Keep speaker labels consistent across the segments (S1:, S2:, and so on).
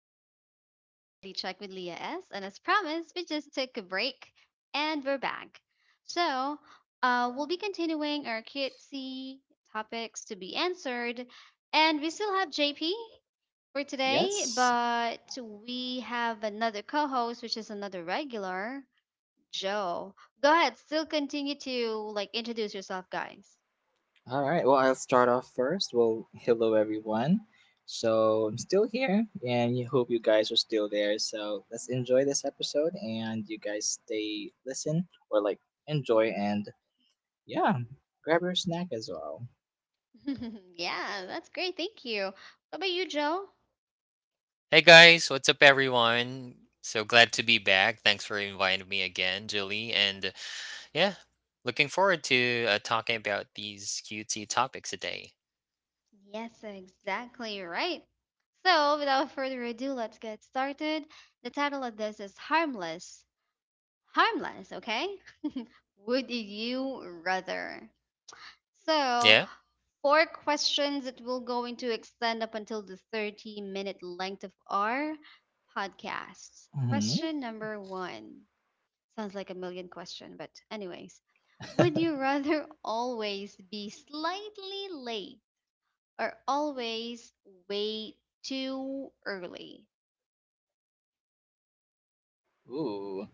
S1: welcome back to Reality Check with Leah S. And as promised, we just took a break and we're back. So we'll be continuing our cutesy topics to be answered. And we still have JP for today,
S2: Yes.
S1: but we have another co host, which is another regular, Joe. Go ahead, still continue to like introduce yourself, guys.
S2: All right. Well, I'll start off first. Well, hello everyone. So I'm still here, and you hope you guys are still there. So let's enjoy this episode, and you guys stay, listen, or like enjoy, and yeah, grab your snack as well.
S1: Yeah, that's great. Thank you. What about you, Joe?
S3: Hey guys, what's up everyone? So glad to be back. Thanks for inviting me again, Julie. Yeah, Looking forward to talking about these cutesy topics today.
S1: Yes, exactly right. So, without further ado, let's get started. The title of this is Harmless. Harmless, okay? Would you rather? So,
S3: Yeah?
S1: four questions that we're going to extend up until the 30-minute length of our podcast.
S2: Mm-hmm.
S1: Question number one. Sounds like a million question, but anyways, would you rather always be slightly late are always way too early.
S2: Ooh.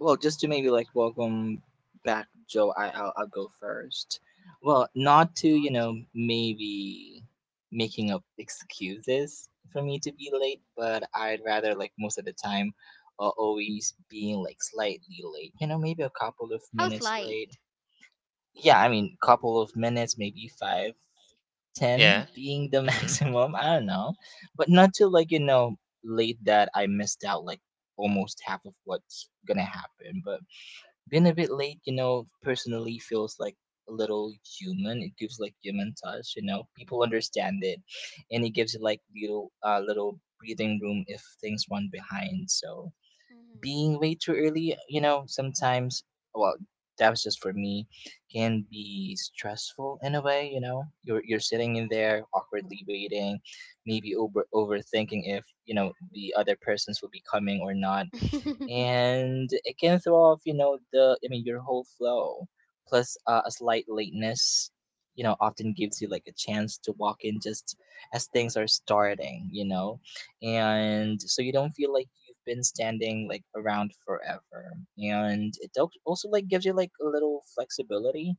S2: Well, just to maybe like welcome back, Joe. I'll go first. Well, not to maybe making up excuses for me to be late, but I'd rather like most of the time, always being like slightly late. You know, maybe a couple of
S1: How's
S2: minutes late.
S1: light?
S2: Yeah, I mean, couple of minutes, maybe five, 10
S3: Yeah.
S1: Mhm.
S2: being the
S3: Mm-hmm.
S2: maximum. I don't know, but not to like late that I missed out like almost half of what's gonna happen, but being a bit late, you know, personally feels like a little human. It gives like human touch, you know. People understand it, and it gives you like little breathing room if things run behind. So being
S1: Mhm.
S2: way too early, you know, sometimes, well, that was just for me, can be stressful in a way. You know, you're sitting in there awkwardly waiting, maybe overthinking if the other persons will be coming or not,
S1: Mhm.
S2: and it can throw off you know the I mean your whole flow. Plus a slight lateness often gives you like a chance to walk in just as things are starting, and so you don't feel like you've been standing like around forever, and it also like gives you like a little flexibility.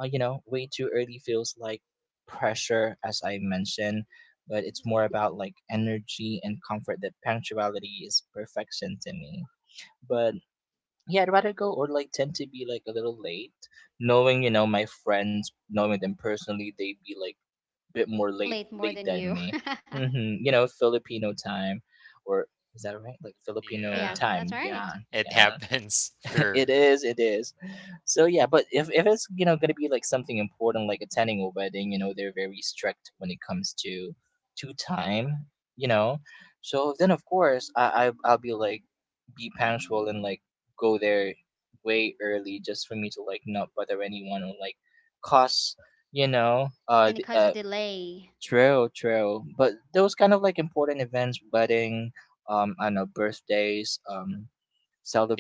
S2: Way too early feels like pressure, as I mentioned, but it's more about like energy and comfort, that punctuality is perfection to me. But yeah, I'd rather go or like tend to be like a little late, knowing my friends, knowing them personally, they'd be like a bit more late
S1: Late more
S2: late
S1: than
S2: than
S1: you.
S2: me. You know, Filipino time, or is that right? Like Filipino
S1: Yeah,
S3: Yeah.
S2: time.
S1: that's
S2: Yeah,
S1: right.
S3: It
S2: yeah.
S3: happens.
S2: It
S3: Sure.
S2: is, it is. So yeah, but if it's gonna be like something important, like attending a wedding, you know they're very strict when it comes to time, you know. So then of course I'll be punctual and like go there way early, just for me to like not bother anyone or like cause. you know uh
S1: And it
S2: the,
S1: causes a
S2: uh
S1: delay.
S2: True, true, but those kind of like important events, wedding, I don't know, birthdays,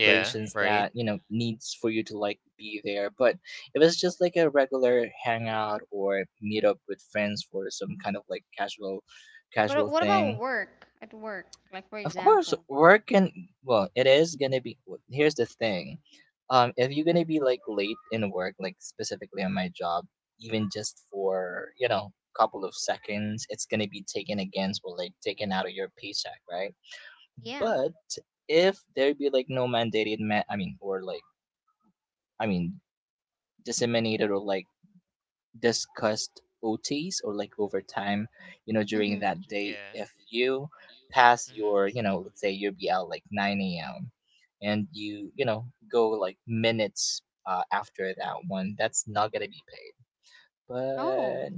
S3: Yeah.
S2: that
S3: Right?
S2: needs for you to like be there. But if it's just like a regular hangout or meet up with friends, for some kind of like casual
S1: But
S2: casual
S1: what about
S2: thing.
S1: work? At work, like for
S2: Of course
S1: example.
S2: work can, well, it is gonna be here's the thing. If you're gonna be like late in work, like specifically on my job, even just for couple of seconds, it's gonna be taken against or like taken out of your paycheck, right?
S1: Yeah.
S2: But if there be like no mandated I mean, disseminated or like discussed OTs or like overtime, you know, during
S1: Mhm.
S2: that day.
S3: Yeah.
S2: If you pass
S3: hmm
S2: your, let's say you'll be out like 9 a.m. and you, go like minutes after that one, that's not going to be paid.
S1: Oh,
S2: But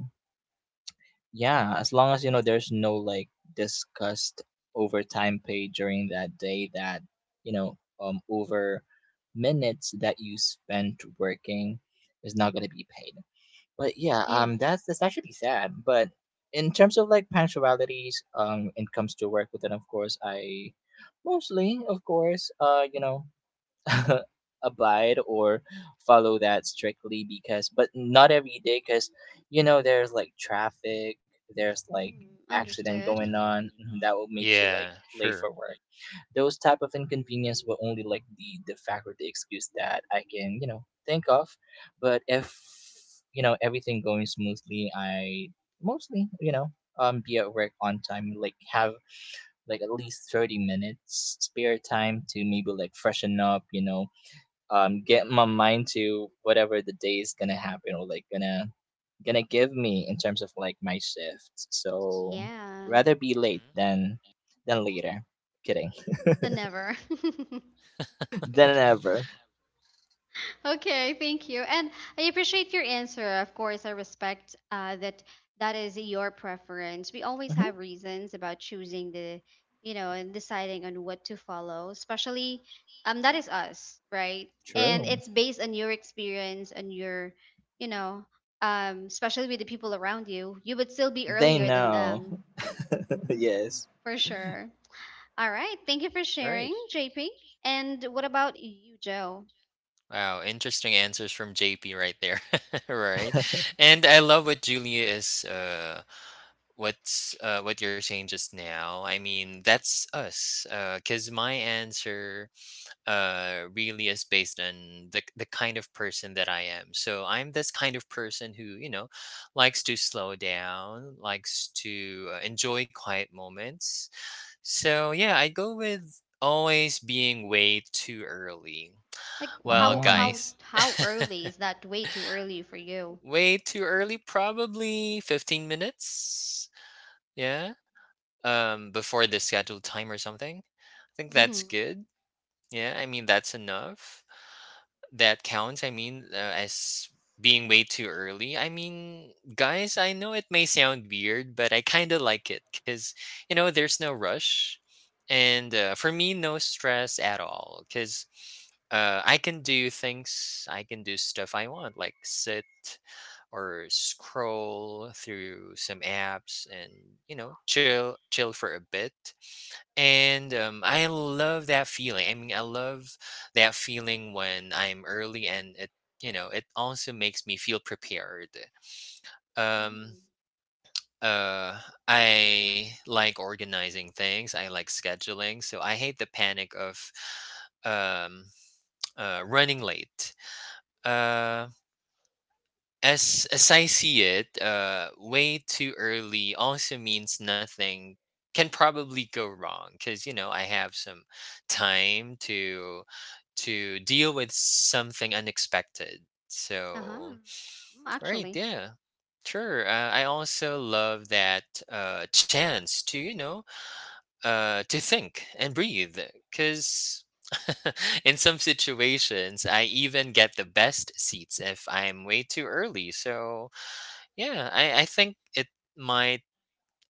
S2: yeah, as long as, there's no like discussed overtime pay during that day, that, over minutes that you spent working is not going to be paid. But yeah,
S1: you.
S2: that's actually sad. But in terms of like punctualities, it comes to work, but then of course I mostly, of course, abide or follow that strictly because, but not every day because, there's like traffic, there's like
S1: Mhm.
S2: accident
S1: Understood.
S2: going on that will makes you like
S3: Yeah.
S2: late for
S3: Sure.
S2: work. Those type of inconvenience were only like the fact or the excuse that I can think of. But if everything going smoothly, I mostly be at work on time, like have like at least 30 minutes spare time to maybe like freshen up, get my mind to whatever the day is gonna happen or like gonna give me in terms of like my shift. So
S1: Yeah,
S2: rather be late than later. Kidding.
S1: the never.
S2: Than ever.
S1: Okay, thank you. And I appreciate your answer. Of course, I respect that that is your preference. We always
S2: Mhm.
S1: have reasons about choosing the, you know, and deciding on what to follow, especially that is us, right? And
S2: True.
S1: it's based on your experience and your, you know, especially with the people around you, you would still be
S2: They
S1: earlier than them,
S2: know. Yes.
S1: for sure. All right, thank you for
S3: Great.
S1: sharing, JP. And what about you, Joe?
S3: Wow, interesting answers from JP right there. Right. And I love what Julia is what you're saying just now. I mean, that's us. Cause my answer really is based on the kind of person that I am. So I'm this kind of person who you know likes to slow down, likes to enjoy quiet moments. So yeah, I go with always being way too early.
S1: Like
S3: Well,
S2: Mm.
S3: guys,
S1: how early is that way too early for you?
S3: way too early. Probably 15 minutes. Yeah, before the scheduled time or something. I think that's
S1: Mm-hmm.
S3: good. Yeah, I mean that's enough. That counts. As being way too early. I mean, guys, I know it may sound weird, but I kind of like it because you know there's no rush, and for me, no stress at all. Because I can do things. I can do stuff I want, like sit or scroll through some apps and you know chill for a bit. I love that feeling. I mean, I love that feeling when I'm early, and it also makes me feel prepared. Um,
S1: Mm-hmm.
S3: uh, I like organizing things. I like scheduling. So I hate the panic of, um, running late. Uh, as I see it, way too early also means nothing can probably go wrong because you know I have some time to deal with something unexpected.
S1: Uh-huh.
S3: So
S1: Mm,
S3: right,
S1: actually.
S3: yeah, sure. I also love that chance to you know to think and breathe because. In some situations, I even get the best seats if I'm way too early. So, yeah, I think it might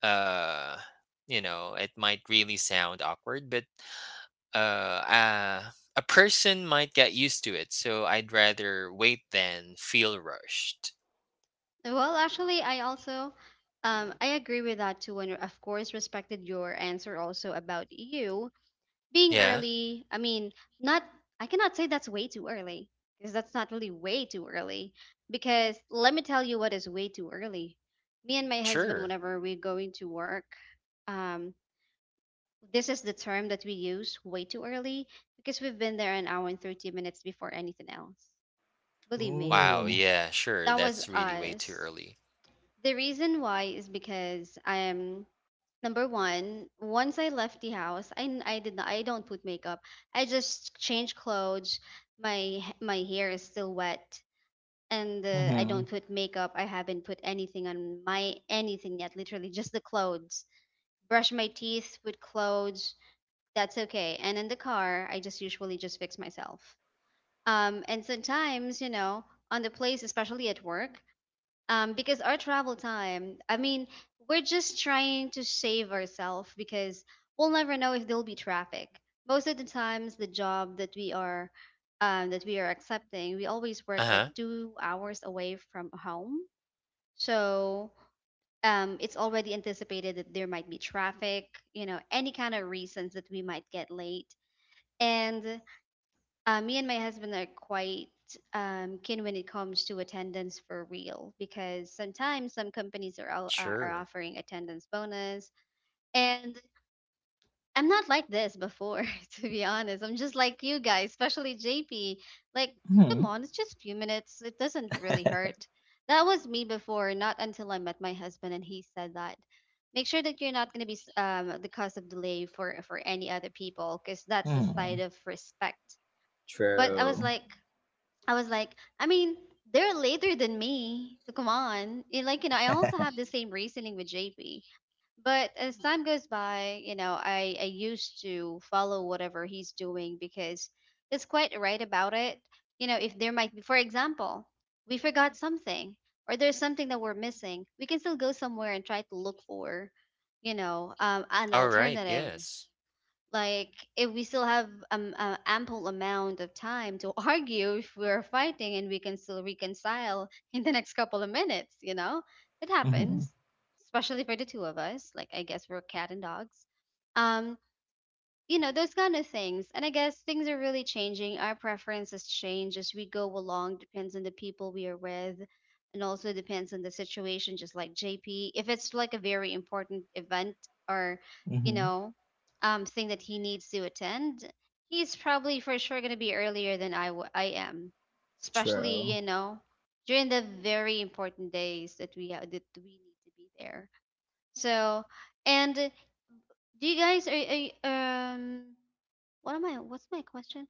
S3: uh you know, it might really sound awkward, but a person might get used to it, so I'd rather wait than feel rushed.
S1: Well, actually I also I agree with that too, and of course respected your answer also about you being
S3: Yeah,
S1: early. I mean, not I cannot say that's way too early because that's not really way too early because let me tell you what is way too early. Me and my husband
S3: sure.
S1: whenever we're going to work, um this is the term that we use way too early because we've been there an hour and 30 minutes before anything else. Believe me,
S3: Wow,
S2: Ooh.
S3: yeah, sure.
S1: that was
S3: That's really way too
S1: us.
S3: early.
S1: The reason why is because I am number one. Once I left the house, I did not, I don't put makeup. I just change clothes. My my hair is still wet, and I
S2: Mhm.
S1: don't put makeup. I haven't put anything on my anything yet. Literally, just the clothes. Brush my teeth, put clothes. That's okay. And in the car, I just usually just fix myself. And sometimes, you know, on the place, especially at work, because our travel time, I mean, we're just trying to save ourselves because we'll never know if there'll be traffic. Most of the times, the job that we are accepting, we always work like
S3: Uh-huh.
S1: 2 hours away from home. So it's already anticipated that there might be traffic, you know, any kind of reasons that we might get late and me and my husband are quite keen when it comes to attendance for real because sometimes some companies are all, are
S3: Sure.
S1: offering attendance bonus. And I'm not like this before, to be honest. I'm just like you guys, especially JP. Like, come
S2: Mhm.
S1: on, it's just a few minutes. It doesn't really hurt. That was me before, not until I met my husband and he said that. Make sure that you're not going to be the cause of delay for any other people, because that's a side
S2: Mhm.
S1: of respect. But I was
S2: True.
S1: like, I was like, I mean, they're later than me. So come on. And like, you know, I also have the same reasoning with JP. But as time goes by, you know, I used to follow whatever he's doing because it's quite right about it. You know, if there might be, for example, we forgot something or there's something that we're missing, we can still go somewhere and try to look for, you know, an
S3: All right,
S1: alternative
S3: yes.
S1: like if we still have ample amount of time to argue if we're fighting and we can still reconcile in the next couple of minutes, you know, it
S2: Mhm.
S1: happens, especially for the two of us. Like I guess we're cat and dogs, um, you know, those kind of things. And I guess things are really changing. Our preferences change as we go along, depends on the people we are with and also depends on the situation. Just like JP, if it's like a very important event or, you
S2: Mhm.
S1: know, um, thing that he needs to attend, he's probably for sure going to be earlier than I am, especially,
S2: True.
S1: you know, during the very important days that that we need to be there. So and do you guys are, what am I what's my question?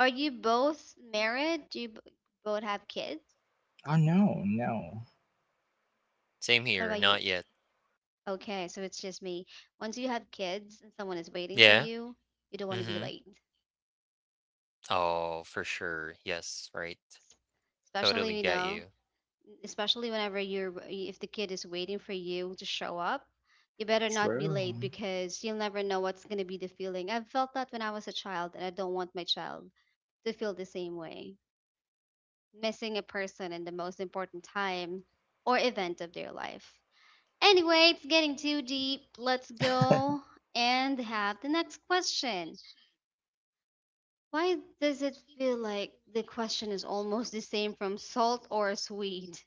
S1: Are you both married? Do both have kids?
S2: Oh, no, no.
S3: Same
S1: What
S3: here,
S1: about you?
S3: not yet.
S1: Okay, so it's just me. Once you have kids and someone is waiting for
S3: Yeah.
S1: you, you don't want to be
S3: Mm-hmm.
S1: late.
S3: Oh, for sure. Yes, right.
S1: S-
S3: Totally
S1: Especially, you
S3: get
S1: know,
S3: you.
S1: especially whenever if the kid is waiting for you to show up, you better not be
S2: True.
S1: late, because you'll never know what's going to be the feeling. I've felt that when I was a child and I don't want my child to feel the same way. Missing a person in the most important time or event of their life. Anyway, it's getting too deep. Let's go and have the next question. Why does it feel like the question is almost the same from salt or sweet?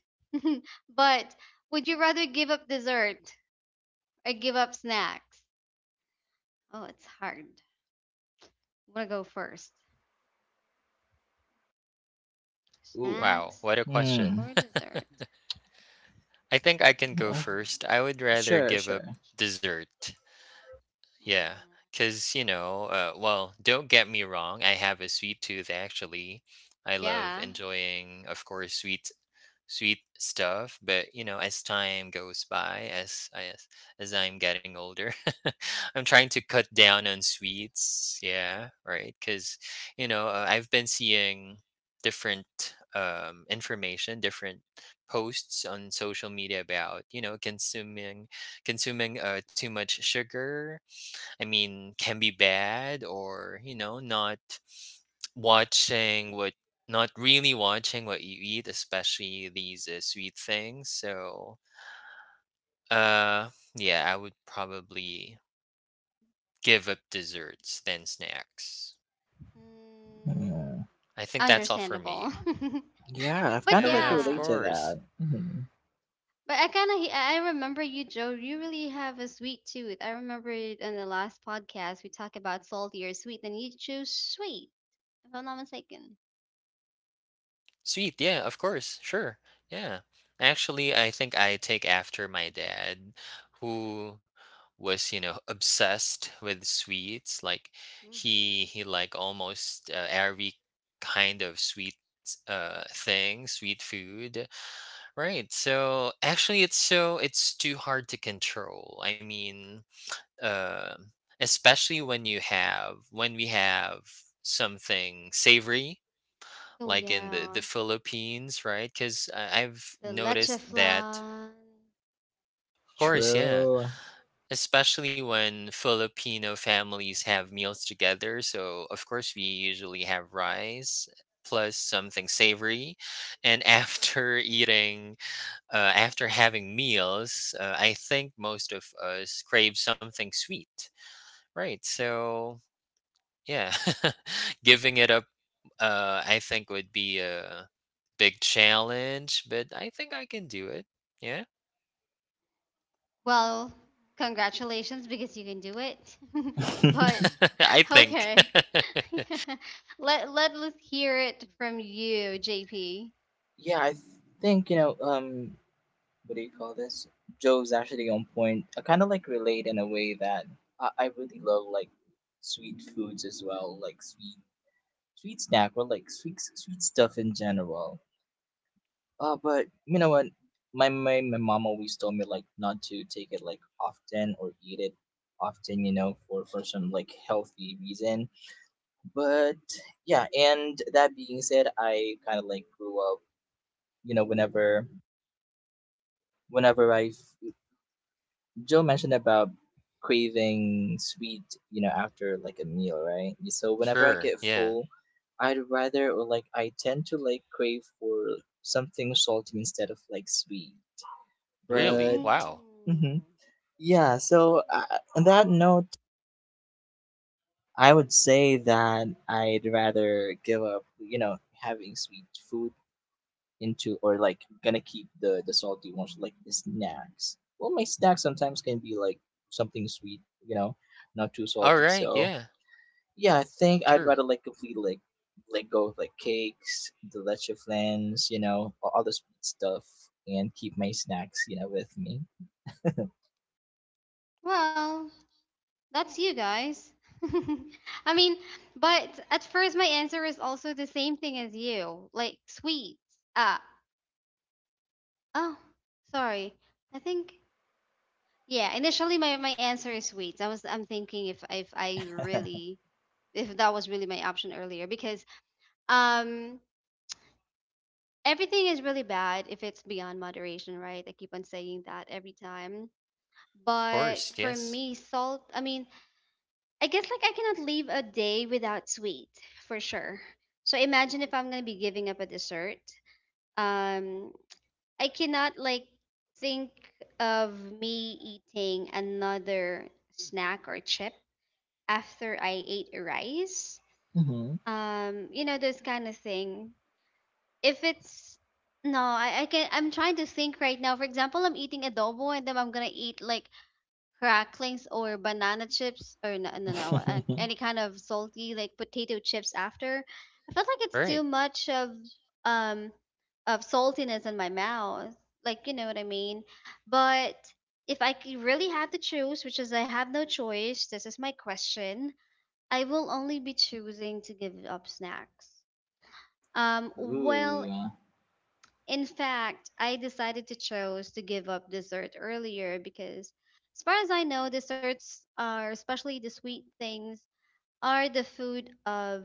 S1: But would you rather give up dessert or give up snacks? Oh, it's hard. I'm gonna go first.
S2: Ooh.
S3: Wow,
S1: Snacks
S3: what a question.
S2: Hmm.
S1: or dessert?
S3: I think I can go
S2: Uh,
S3: first. I would rather
S2: sure,
S3: give up
S2: sure.
S3: dessert. Yeah.
S1: Mm,
S3: Because, don't get me wrong. I have a sweet tooth, actually. I love
S1: yeah.
S3: enjoying, of course, sweet stuff, but you know as time goes by as I'm getting older, I'm trying to cut down on sweets. Yeah, right. Because you know I've been seeing different information, different posts on social media about you know consuming too much sugar. I mean, can be bad or, you know, watching what, not really watching what you eat, especially these sweet things. So, uh, yeah, I would probably give up desserts than snacks.
S1: Mm,
S2: Mm.
S3: I think that's all for me.
S1: understandable.
S2: Yeah, I've
S1: But
S2: kind of like
S3: Yeah, of
S2: relate
S1: yeah,
S2: to
S3: course.
S2: that. Mhm.
S1: but I kind of I remember you, Joe. You really have a sweet tooth. I remember it in the last podcast we talked about salty or sweet, and you chose sweet, if I'm not mistaken.
S3: Sweet, yeah, of course, sure, yeah. Actually, I think I take after my dad, who was, you know, obsessed with sweets. Like
S1: Hmm.
S3: he like almost every kind of sweet thing, sweet food. Right. So actually, it's so it's too hard to control. I mean, uh, especially when we have something savory
S1: So
S3: like in the
S1: yeah,
S3: the Philippines, right? Because I've
S1: the leche
S3: noticed that,
S1: flan.
S3: of course, yeah,
S2: True.
S3: especially when Filipino families have meals together. So of course we usually have rice plus something savory, and after eating, after having meals, I think most of us crave something sweet, right? So yeah, giving it up, I think would be a big challenge, but I think I can do it. Yeah,
S1: Well, congratulations because you can do it. But
S3: I think.
S1: okay, let us hear it from you, JP.
S2: Yeah, I think what do you call this? Joe's actually on point. I kind of like relate in a way that I really love like sweet foods as well, like sweet snack or like sweet stuff in general. But you know what? My mom always told me like not to take it like often or eat it often, for some like healthy reason. But yeah, and that being said, I kind of like grew up, whenever whenever I Joe mentioned about craving sweet, after like a meal, right? So whenever I
S3: Sure.
S2: get
S1: Hmm.
S3: Yeah.
S2: full, I'd rather or like I tend to like crave for something salty instead of like sweet. But
S3: Really?
S1: Ooh.
S3: Wow.
S2: hmm yeah, so on that note, I would say that I'd rather give up, having sweet food, into or like gonna keep the salty ones like the snacks. Well, my snacks sometimes can be like something sweet, you know, not too
S3: All
S2: salty.
S3: right.
S2: So
S3: Yeah.
S2: yeah, I think I'd
S3: True.
S2: rather like completely like let go of like cakes, the leche flans, all the sweet stuff, and keep my snacks, with me.
S1: Well, that's you guys. I mean, but at first my answer is also the same thing as you, like sweets. Ah, oh, sorry. I think yeah. Initially, my answer is sweets. I'm thinking if I really if that was really my option earlier, because um everything is really bad if it's beyond moderation, right? I keep on saying that every time.
S3: Of
S1: But
S3: course.
S1: for
S3: Yes.
S1: me, salt. I mean, I guess like I cannot leave a day without sweet, for sure. So imagine if I'm gonna be giving up a dessert. Um, I cannot like think of me eating another snack or chip after I ate rice.
S2: hmm
S1: You know those kind of thing. If it's no, I can. I'm trying to think right now. For example, I'm eating adobo and then I'm gonna eat like cracklings or banana chips or no, no, no any kind of salty like potato chips after. I felt like it's
S3: Right.
S1: too much um of saltiness in my mouth, like you know what I mean, but if really had to choose which is I have no choice, this is my question, I will only be choosing to give up snacks. Um well,
S2: Ooh,
S1: in fact, I decided to chose to give up dessert earlier because, as far as I know, desserts are, especially the sweet things, are the food of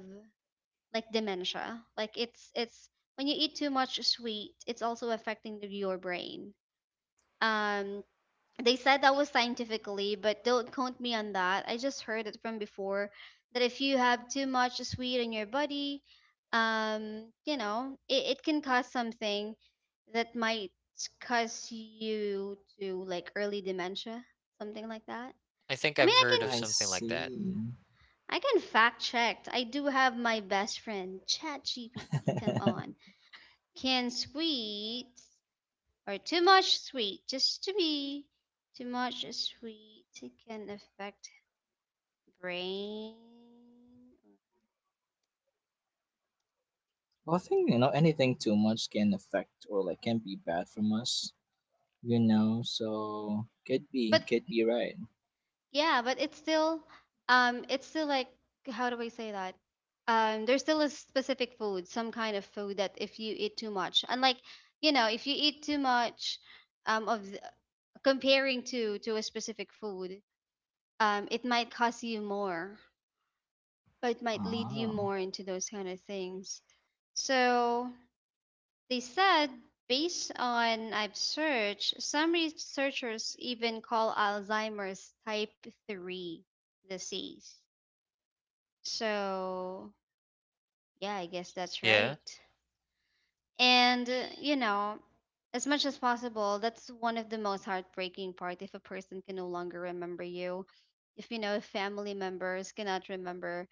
S1: like dementia. Like it's when you eat too much sweet, it's also affecting the, your brain. Um, they said that was scientifically, but don't quote me on that. I just heard it from before that if you have too much sweet in your body, you know, it can cause something that might cause you to like early dementia, something like that.
S3: I think
S1: I
S3: I've
S1: mean,
S3: heard of
S2: I
S3: something like that.
S2: see.
S1: I can fact check. I do have my best friend ChatGPT. Come on, can sweet or too much sweet just to be too much sweet can affect brain.
S2: Well, I think anything too much can affect or like can be bad from us. So
S1: But
S2: could be right.
S1: yeah, but it's still like how do I say that there's still a specific food, some kind of food that if you eat too much and like you know if you eat too much of the, comparing to a specific food it might cost you more or it might lead you
S2: Oh,
S1: more into those kind of things. So they said, based on I've searched, some researchers even call Alzheimer's type 3 disease. So, yeah, I guess that's
S3: Yeah.
S1: right. And, you know, as much as possible, that's one of the most heartbreaking part if a person can no longer remember you. If you know family members cannot remember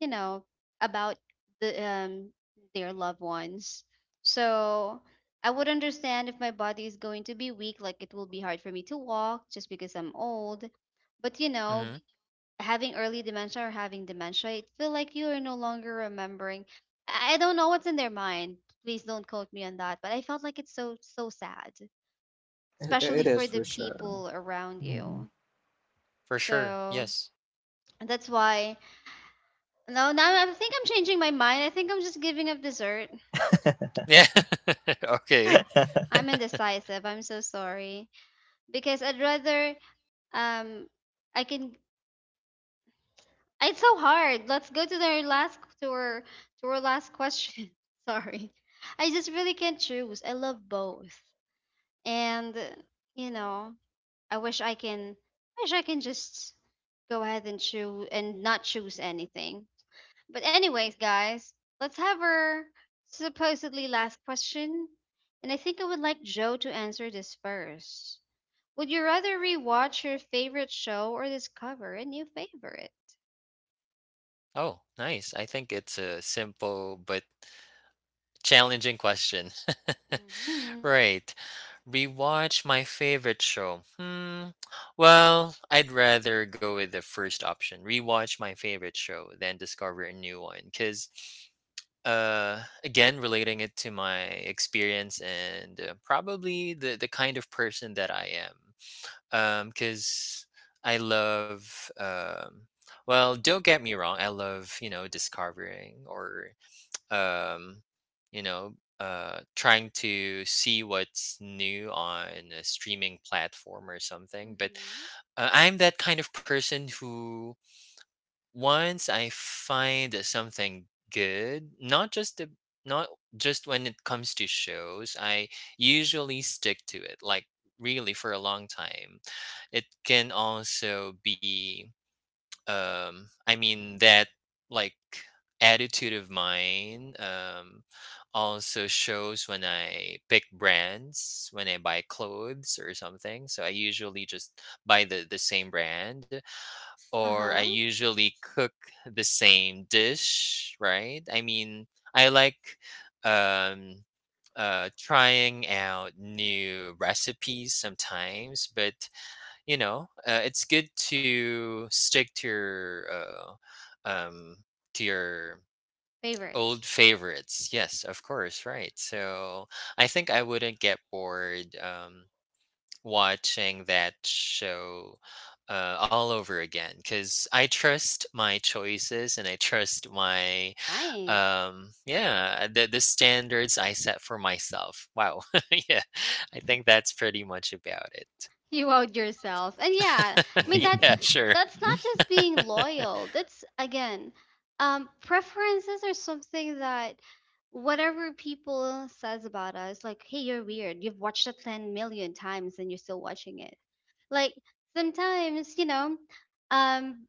S1: you know about the um their loved ones, so I would understand if my body is going to be weak, like it will be hard for me to walk just because I'm old. But you
S3: hmm
S1: know, having early dementia or having dementia, it feel like you are no longer remembering. I don't know what's in their mind. Please don't quote me on that, but I felt like it's so so sad,
S2: it,
S1: especially
S2: it
S1: for
S2: is
S1: the
S2: for sure.
S1: people around
S2: Mhm.
S1: you.
S3: For sure.
S1: So
S3: Yes.
S1: that's why… No, now I think I'm changing my mind. I think I'm just giving up dessert.
S3: Yeah. Okay.
S1: I'm indecisive, I'm so sorry, because I'd rather… um I can. It's so hard. Let's go to our last, to our last question. Sorry, I just really can't choose. I love both, and you know I wish I can. I wish I can just go ahead and choose and not choose anything. But anyways, guys, let's have our supposedly last question. And I think I would like Joe to answer this first. Would you rather rewatch your favorite show or discover a new favorite?
S3: Oh, nice. I think it's a simple but challenging question.
S1: Mm-hmm.
S3: Right. Rewatch my favorite show. Hmm. Well, I'd rather go with the first option. Rewatch my favorite show than discover a new one. Cause, again, relating it to my experience and probably the kind of person that I am. Cause I love. Well, don't get me wrong. I love you know discovering or um you know trying to see what's new on a streaming platform or something. But
S1: Mm-hmm.
S3: I'm that kind of person who once I find something good, not just the, not just when it comes to shows, I usually stick to it like really for a long time. It can also be I mean that like attitude of mine also shows when I pick brands, when I buy clothes or something. So I usually just buy the same brand, or I
S1: Uh-huh.
S3: usually cook the same dish. Right, I mean, I like um trying out new recipes sometimes, but you know, it's good to stick um, to your
S1: Favorites.
S3: old favorites. Yes, of course, right. So I think I wouldn't get bored watching that show all over again, because I trust my choices and I trust my
S1: Nice.
S3: yeah, the standards I set for myself. Wow, yeah, I think that's pretty much about it.
S1: You out yourself. And yeah, I mean,
S3: yeah, sure,
S1: that's not just being loyal. That's again, preferences are something that whatever people says about us, like, hey, you're weird, you've watched it 10 million times and you're still watching it. Like sometimes, um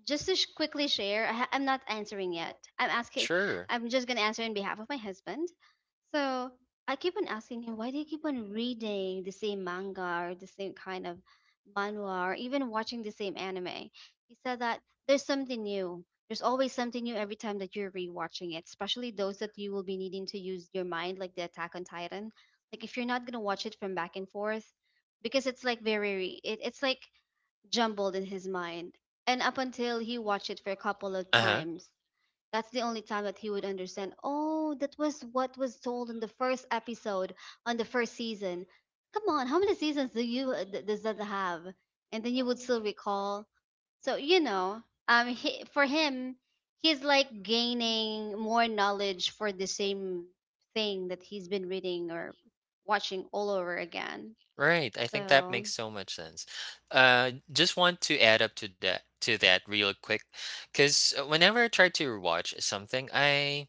S1: just to quickly share, I'm not answering yet, I'm asking.
S3: sure.
S1: I'm just going to answer in behalf of my husband. So I keep on asking him, why do you keep on reading the same manga or the same kind of manhwa or even watching the same anime? He said that there's something new. There's always something new every time that you're rewatching it, especially those that you will be needing to use your mind, like the Attack on Titan. Like if you're not gonna watch it from back and forth, because it's like very, it's like jumbled in his mind, and up until he watched it for a couple of
S3: Uh huh.
S1: times. That's the only time that he would understand. Oh, that was what was told in the first episode, on the first season. Come on, how many seasons do you does that have? And then you would still recall. So you know, for him, he's like gaining more knowledge for the same thing that he's been reading or watching all over again.
S3: Right, I think that
S1: So.
S3: makes so much sense. Just want to add up to that real quick, because whenever I try to watch something,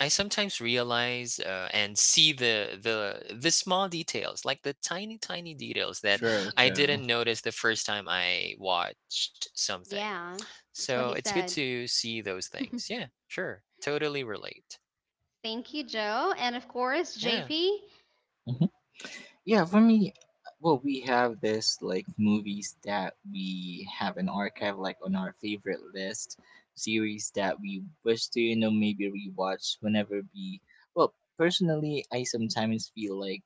S3: I sometimes realize and see the small details, like the tiny details that
S2: True,
S3: I
S1: Mhm.
S2: true.
S3: didn't notice the first time I watched something.
S1: Yeah, that's
S3: So
S1: what he
S3: it's good
S1: said.
S3: to see those things. Yeah, sure, totally relate.
S1: Thank you, Joe. And of course,
S3: Yeah,
S1: JP.
S2: Mhm. Yeah, for me, well, we have this like movies that we have an archive like on our favorite list, series that we wish to, maybe rewatch whenever we. Well, personally, I sometimes feel like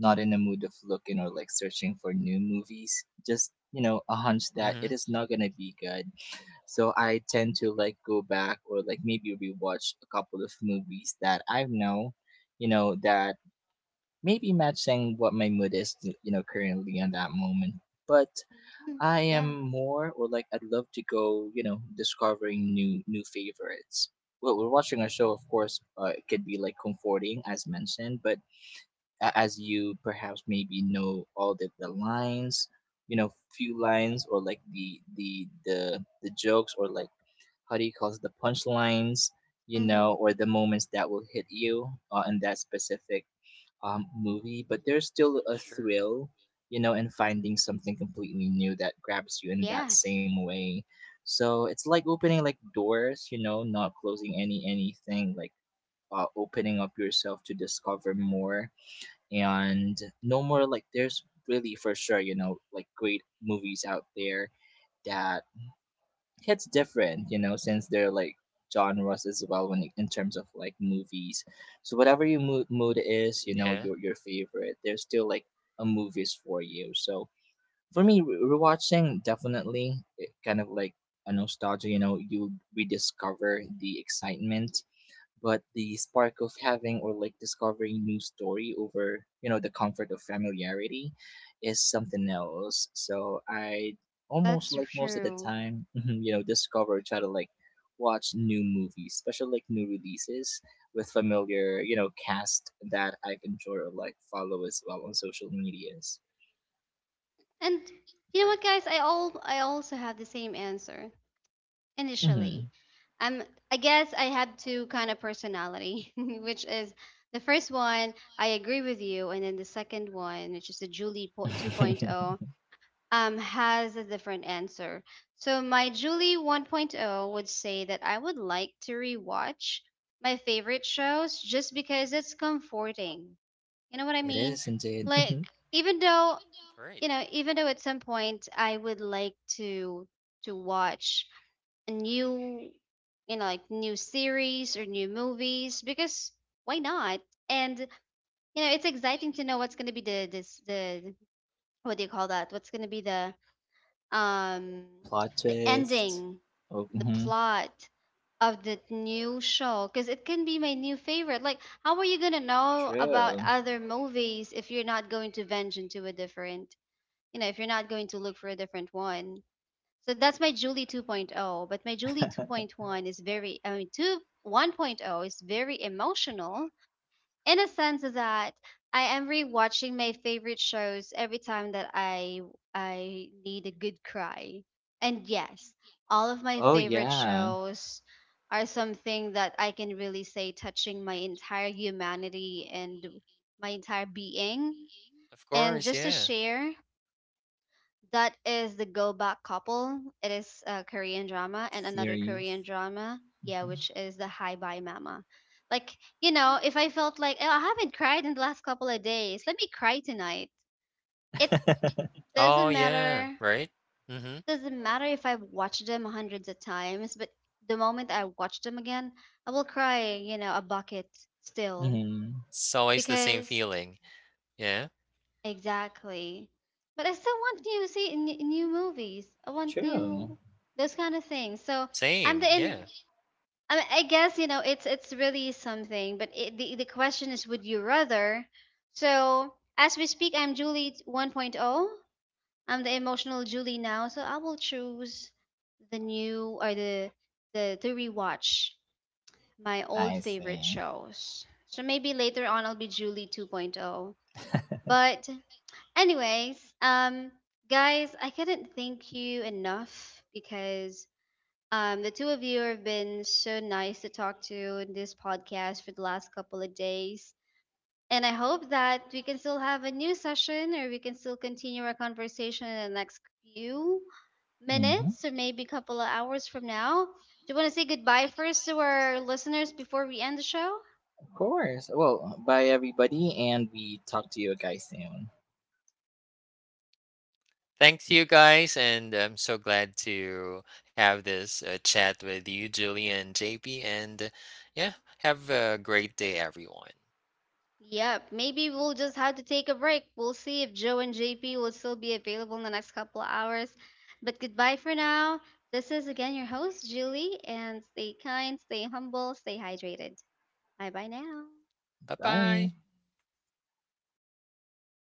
S2: not in the mood of looking or like searching for new movies. Just, a hunch that it
S3: hmm
S2: is not gonna be good. So I tend to like go back or like maybe rewatch a couple of movies that I know, that maybe matching what my mood is, currently in that moment. But
S1: Mhm.
S2: I
S1: Yeah.
S2: am more, or like, I'd love to go, discovering new favorites. Well, we're watching a show, of course. It could be like comforting, as mentioned, but as you perhaps maybe know all the lines, you know, few lines, or like the jokes, or like how do you call it, the punchlines, or
S1: Hmm.
S2: the moments that will hit you in that specific movie, but there's still a thrill, in finding something completely new that grabs you in that
S1: Yes,
S2: same way. So it's like opening like doors, not closing anything, like opening up yourself to discover more. And no more like there's really for sure, like great movies out there that hits different, since they're like genres as well when in terms of like movies. So whatever your mood is,
S3: yeah,
S2: your favorite, there's still like a movies for you. So for me, rewatching definitely it kind of like a nostalgia. You know, you rediscover the excitement, but the spark of having or like discovering new story over the comfort of familiarity is something else. So I almost
S1: that's
S2: like most of the
S1: true.
S2: time discover, try to like watch new movies, especially like new releases, with familiar cast that I've enjoyed or like follow as well on social medias.
S1: And you know what,
S3: right,
S1: guys? I also have the same answer initially.
S2: Hmm.
S1: Um, I guess I have two kind of personality, which is the first one I agree with you, and then the second one, which is the 2.0. Um, has a different answer. So my Julie 1.0 would say that I would like to rewatch my favorite shows just because it's comforting. You know what I
S2: It
S1: mean?
S2: is indeed.
S1: Like
S2: Hmm.
S1: even though, you know, even though at some point I would like to watch a new, you know, like new series or new movies, because why not? And you know, it's exciting to know what's going to be the what do you call that? What's going to be the, um,
S2: Plot
S1: the
S2: twist.
S1: ending,
S2: Oh,
S1: the
S2: mhm.
S1: plot of the new show, because it can be my new favorite. Like, how are you gonna know about
S2: True.
S1: other movies if you're not going to venture into a different, you know, if you're not going to look for a different one? So that's my Julie 2.0, but my Julie 2.1 is very, I mean, 2 1.0 is very emotional in a sense that I am rewatching my favorite shows every time that I need a good cry. And yes, all of my
S2: Oh,
S1: favorite
S2: yeah.
S1: shows are something that I can really say touching my entire humanity and my entire being.
S3: of
S1: And
S3: course,
S1: just to
S3: yeah.
S1: share, that is the Go Back Couple. It is a Korean drama, and another
S2: Series.
S1: Korean drama, yeah,
S2: Mm-hmm.
S1: which is the Hi Bye Mama. Like, you know, if I felt like, oh, I haven't cried in the last couple of days, let me cry tonight. It
S3: Oh
S1: doesn't
S3: yeah,
S1: matter
S3: right. Mm-hmm.
S1: doesn't matter if I've watched them hundreds of times, but the moment I watch them again, I will cry, you know, a bucket still.
S2: Mm-hmm.
S3: It's always the same
S1: Because.
S3: feeling. Yeah.
S1: Exactly. But I still want new new movies. I want
S2: True.
S1: new those kind of things. So I'm
S3: Same.
S1: the in.
S3: Yeah.
S1: I mean, I guess, you know, it's really something. But the question is, would you rather? So as we speak, I'm Julie 1.0. I'm the emotional Julie now. So I will choose the new or the to rewatch my old
S2: I
S1: favorite
S2: see.
S1: shows. So maybe later on I'll be Julie 2.0. But anyways, guys, I couldn't thank you enough, because, the two of you have been so nice to talk to in this podcast for the last couple of days. And I hope that we can still have a new session, or we can still continue our conversation in the next few
S2: Mm-hmm.
S1: minutes, or maybe a couple of hours from now. Do you want to say goodbye first to our listeners before we end the show?
S2: Of course. Well, bye everybody, and we talk to you guys soon.
S3: Thanks you guys. And I'm so glad to have this chat with you, Julie and JP. Yeah, have a great day, everyone.
S1: Yep, maybe we'll just have to take a break. We'll see if Joe and JP will still be available in the next couple of hours. But goodbye for now. This is again your host, Julie, and stay kind, stay humble, stay hydrated. Bye bye now.
S3: Bye
S2: Bye.
S3: bye.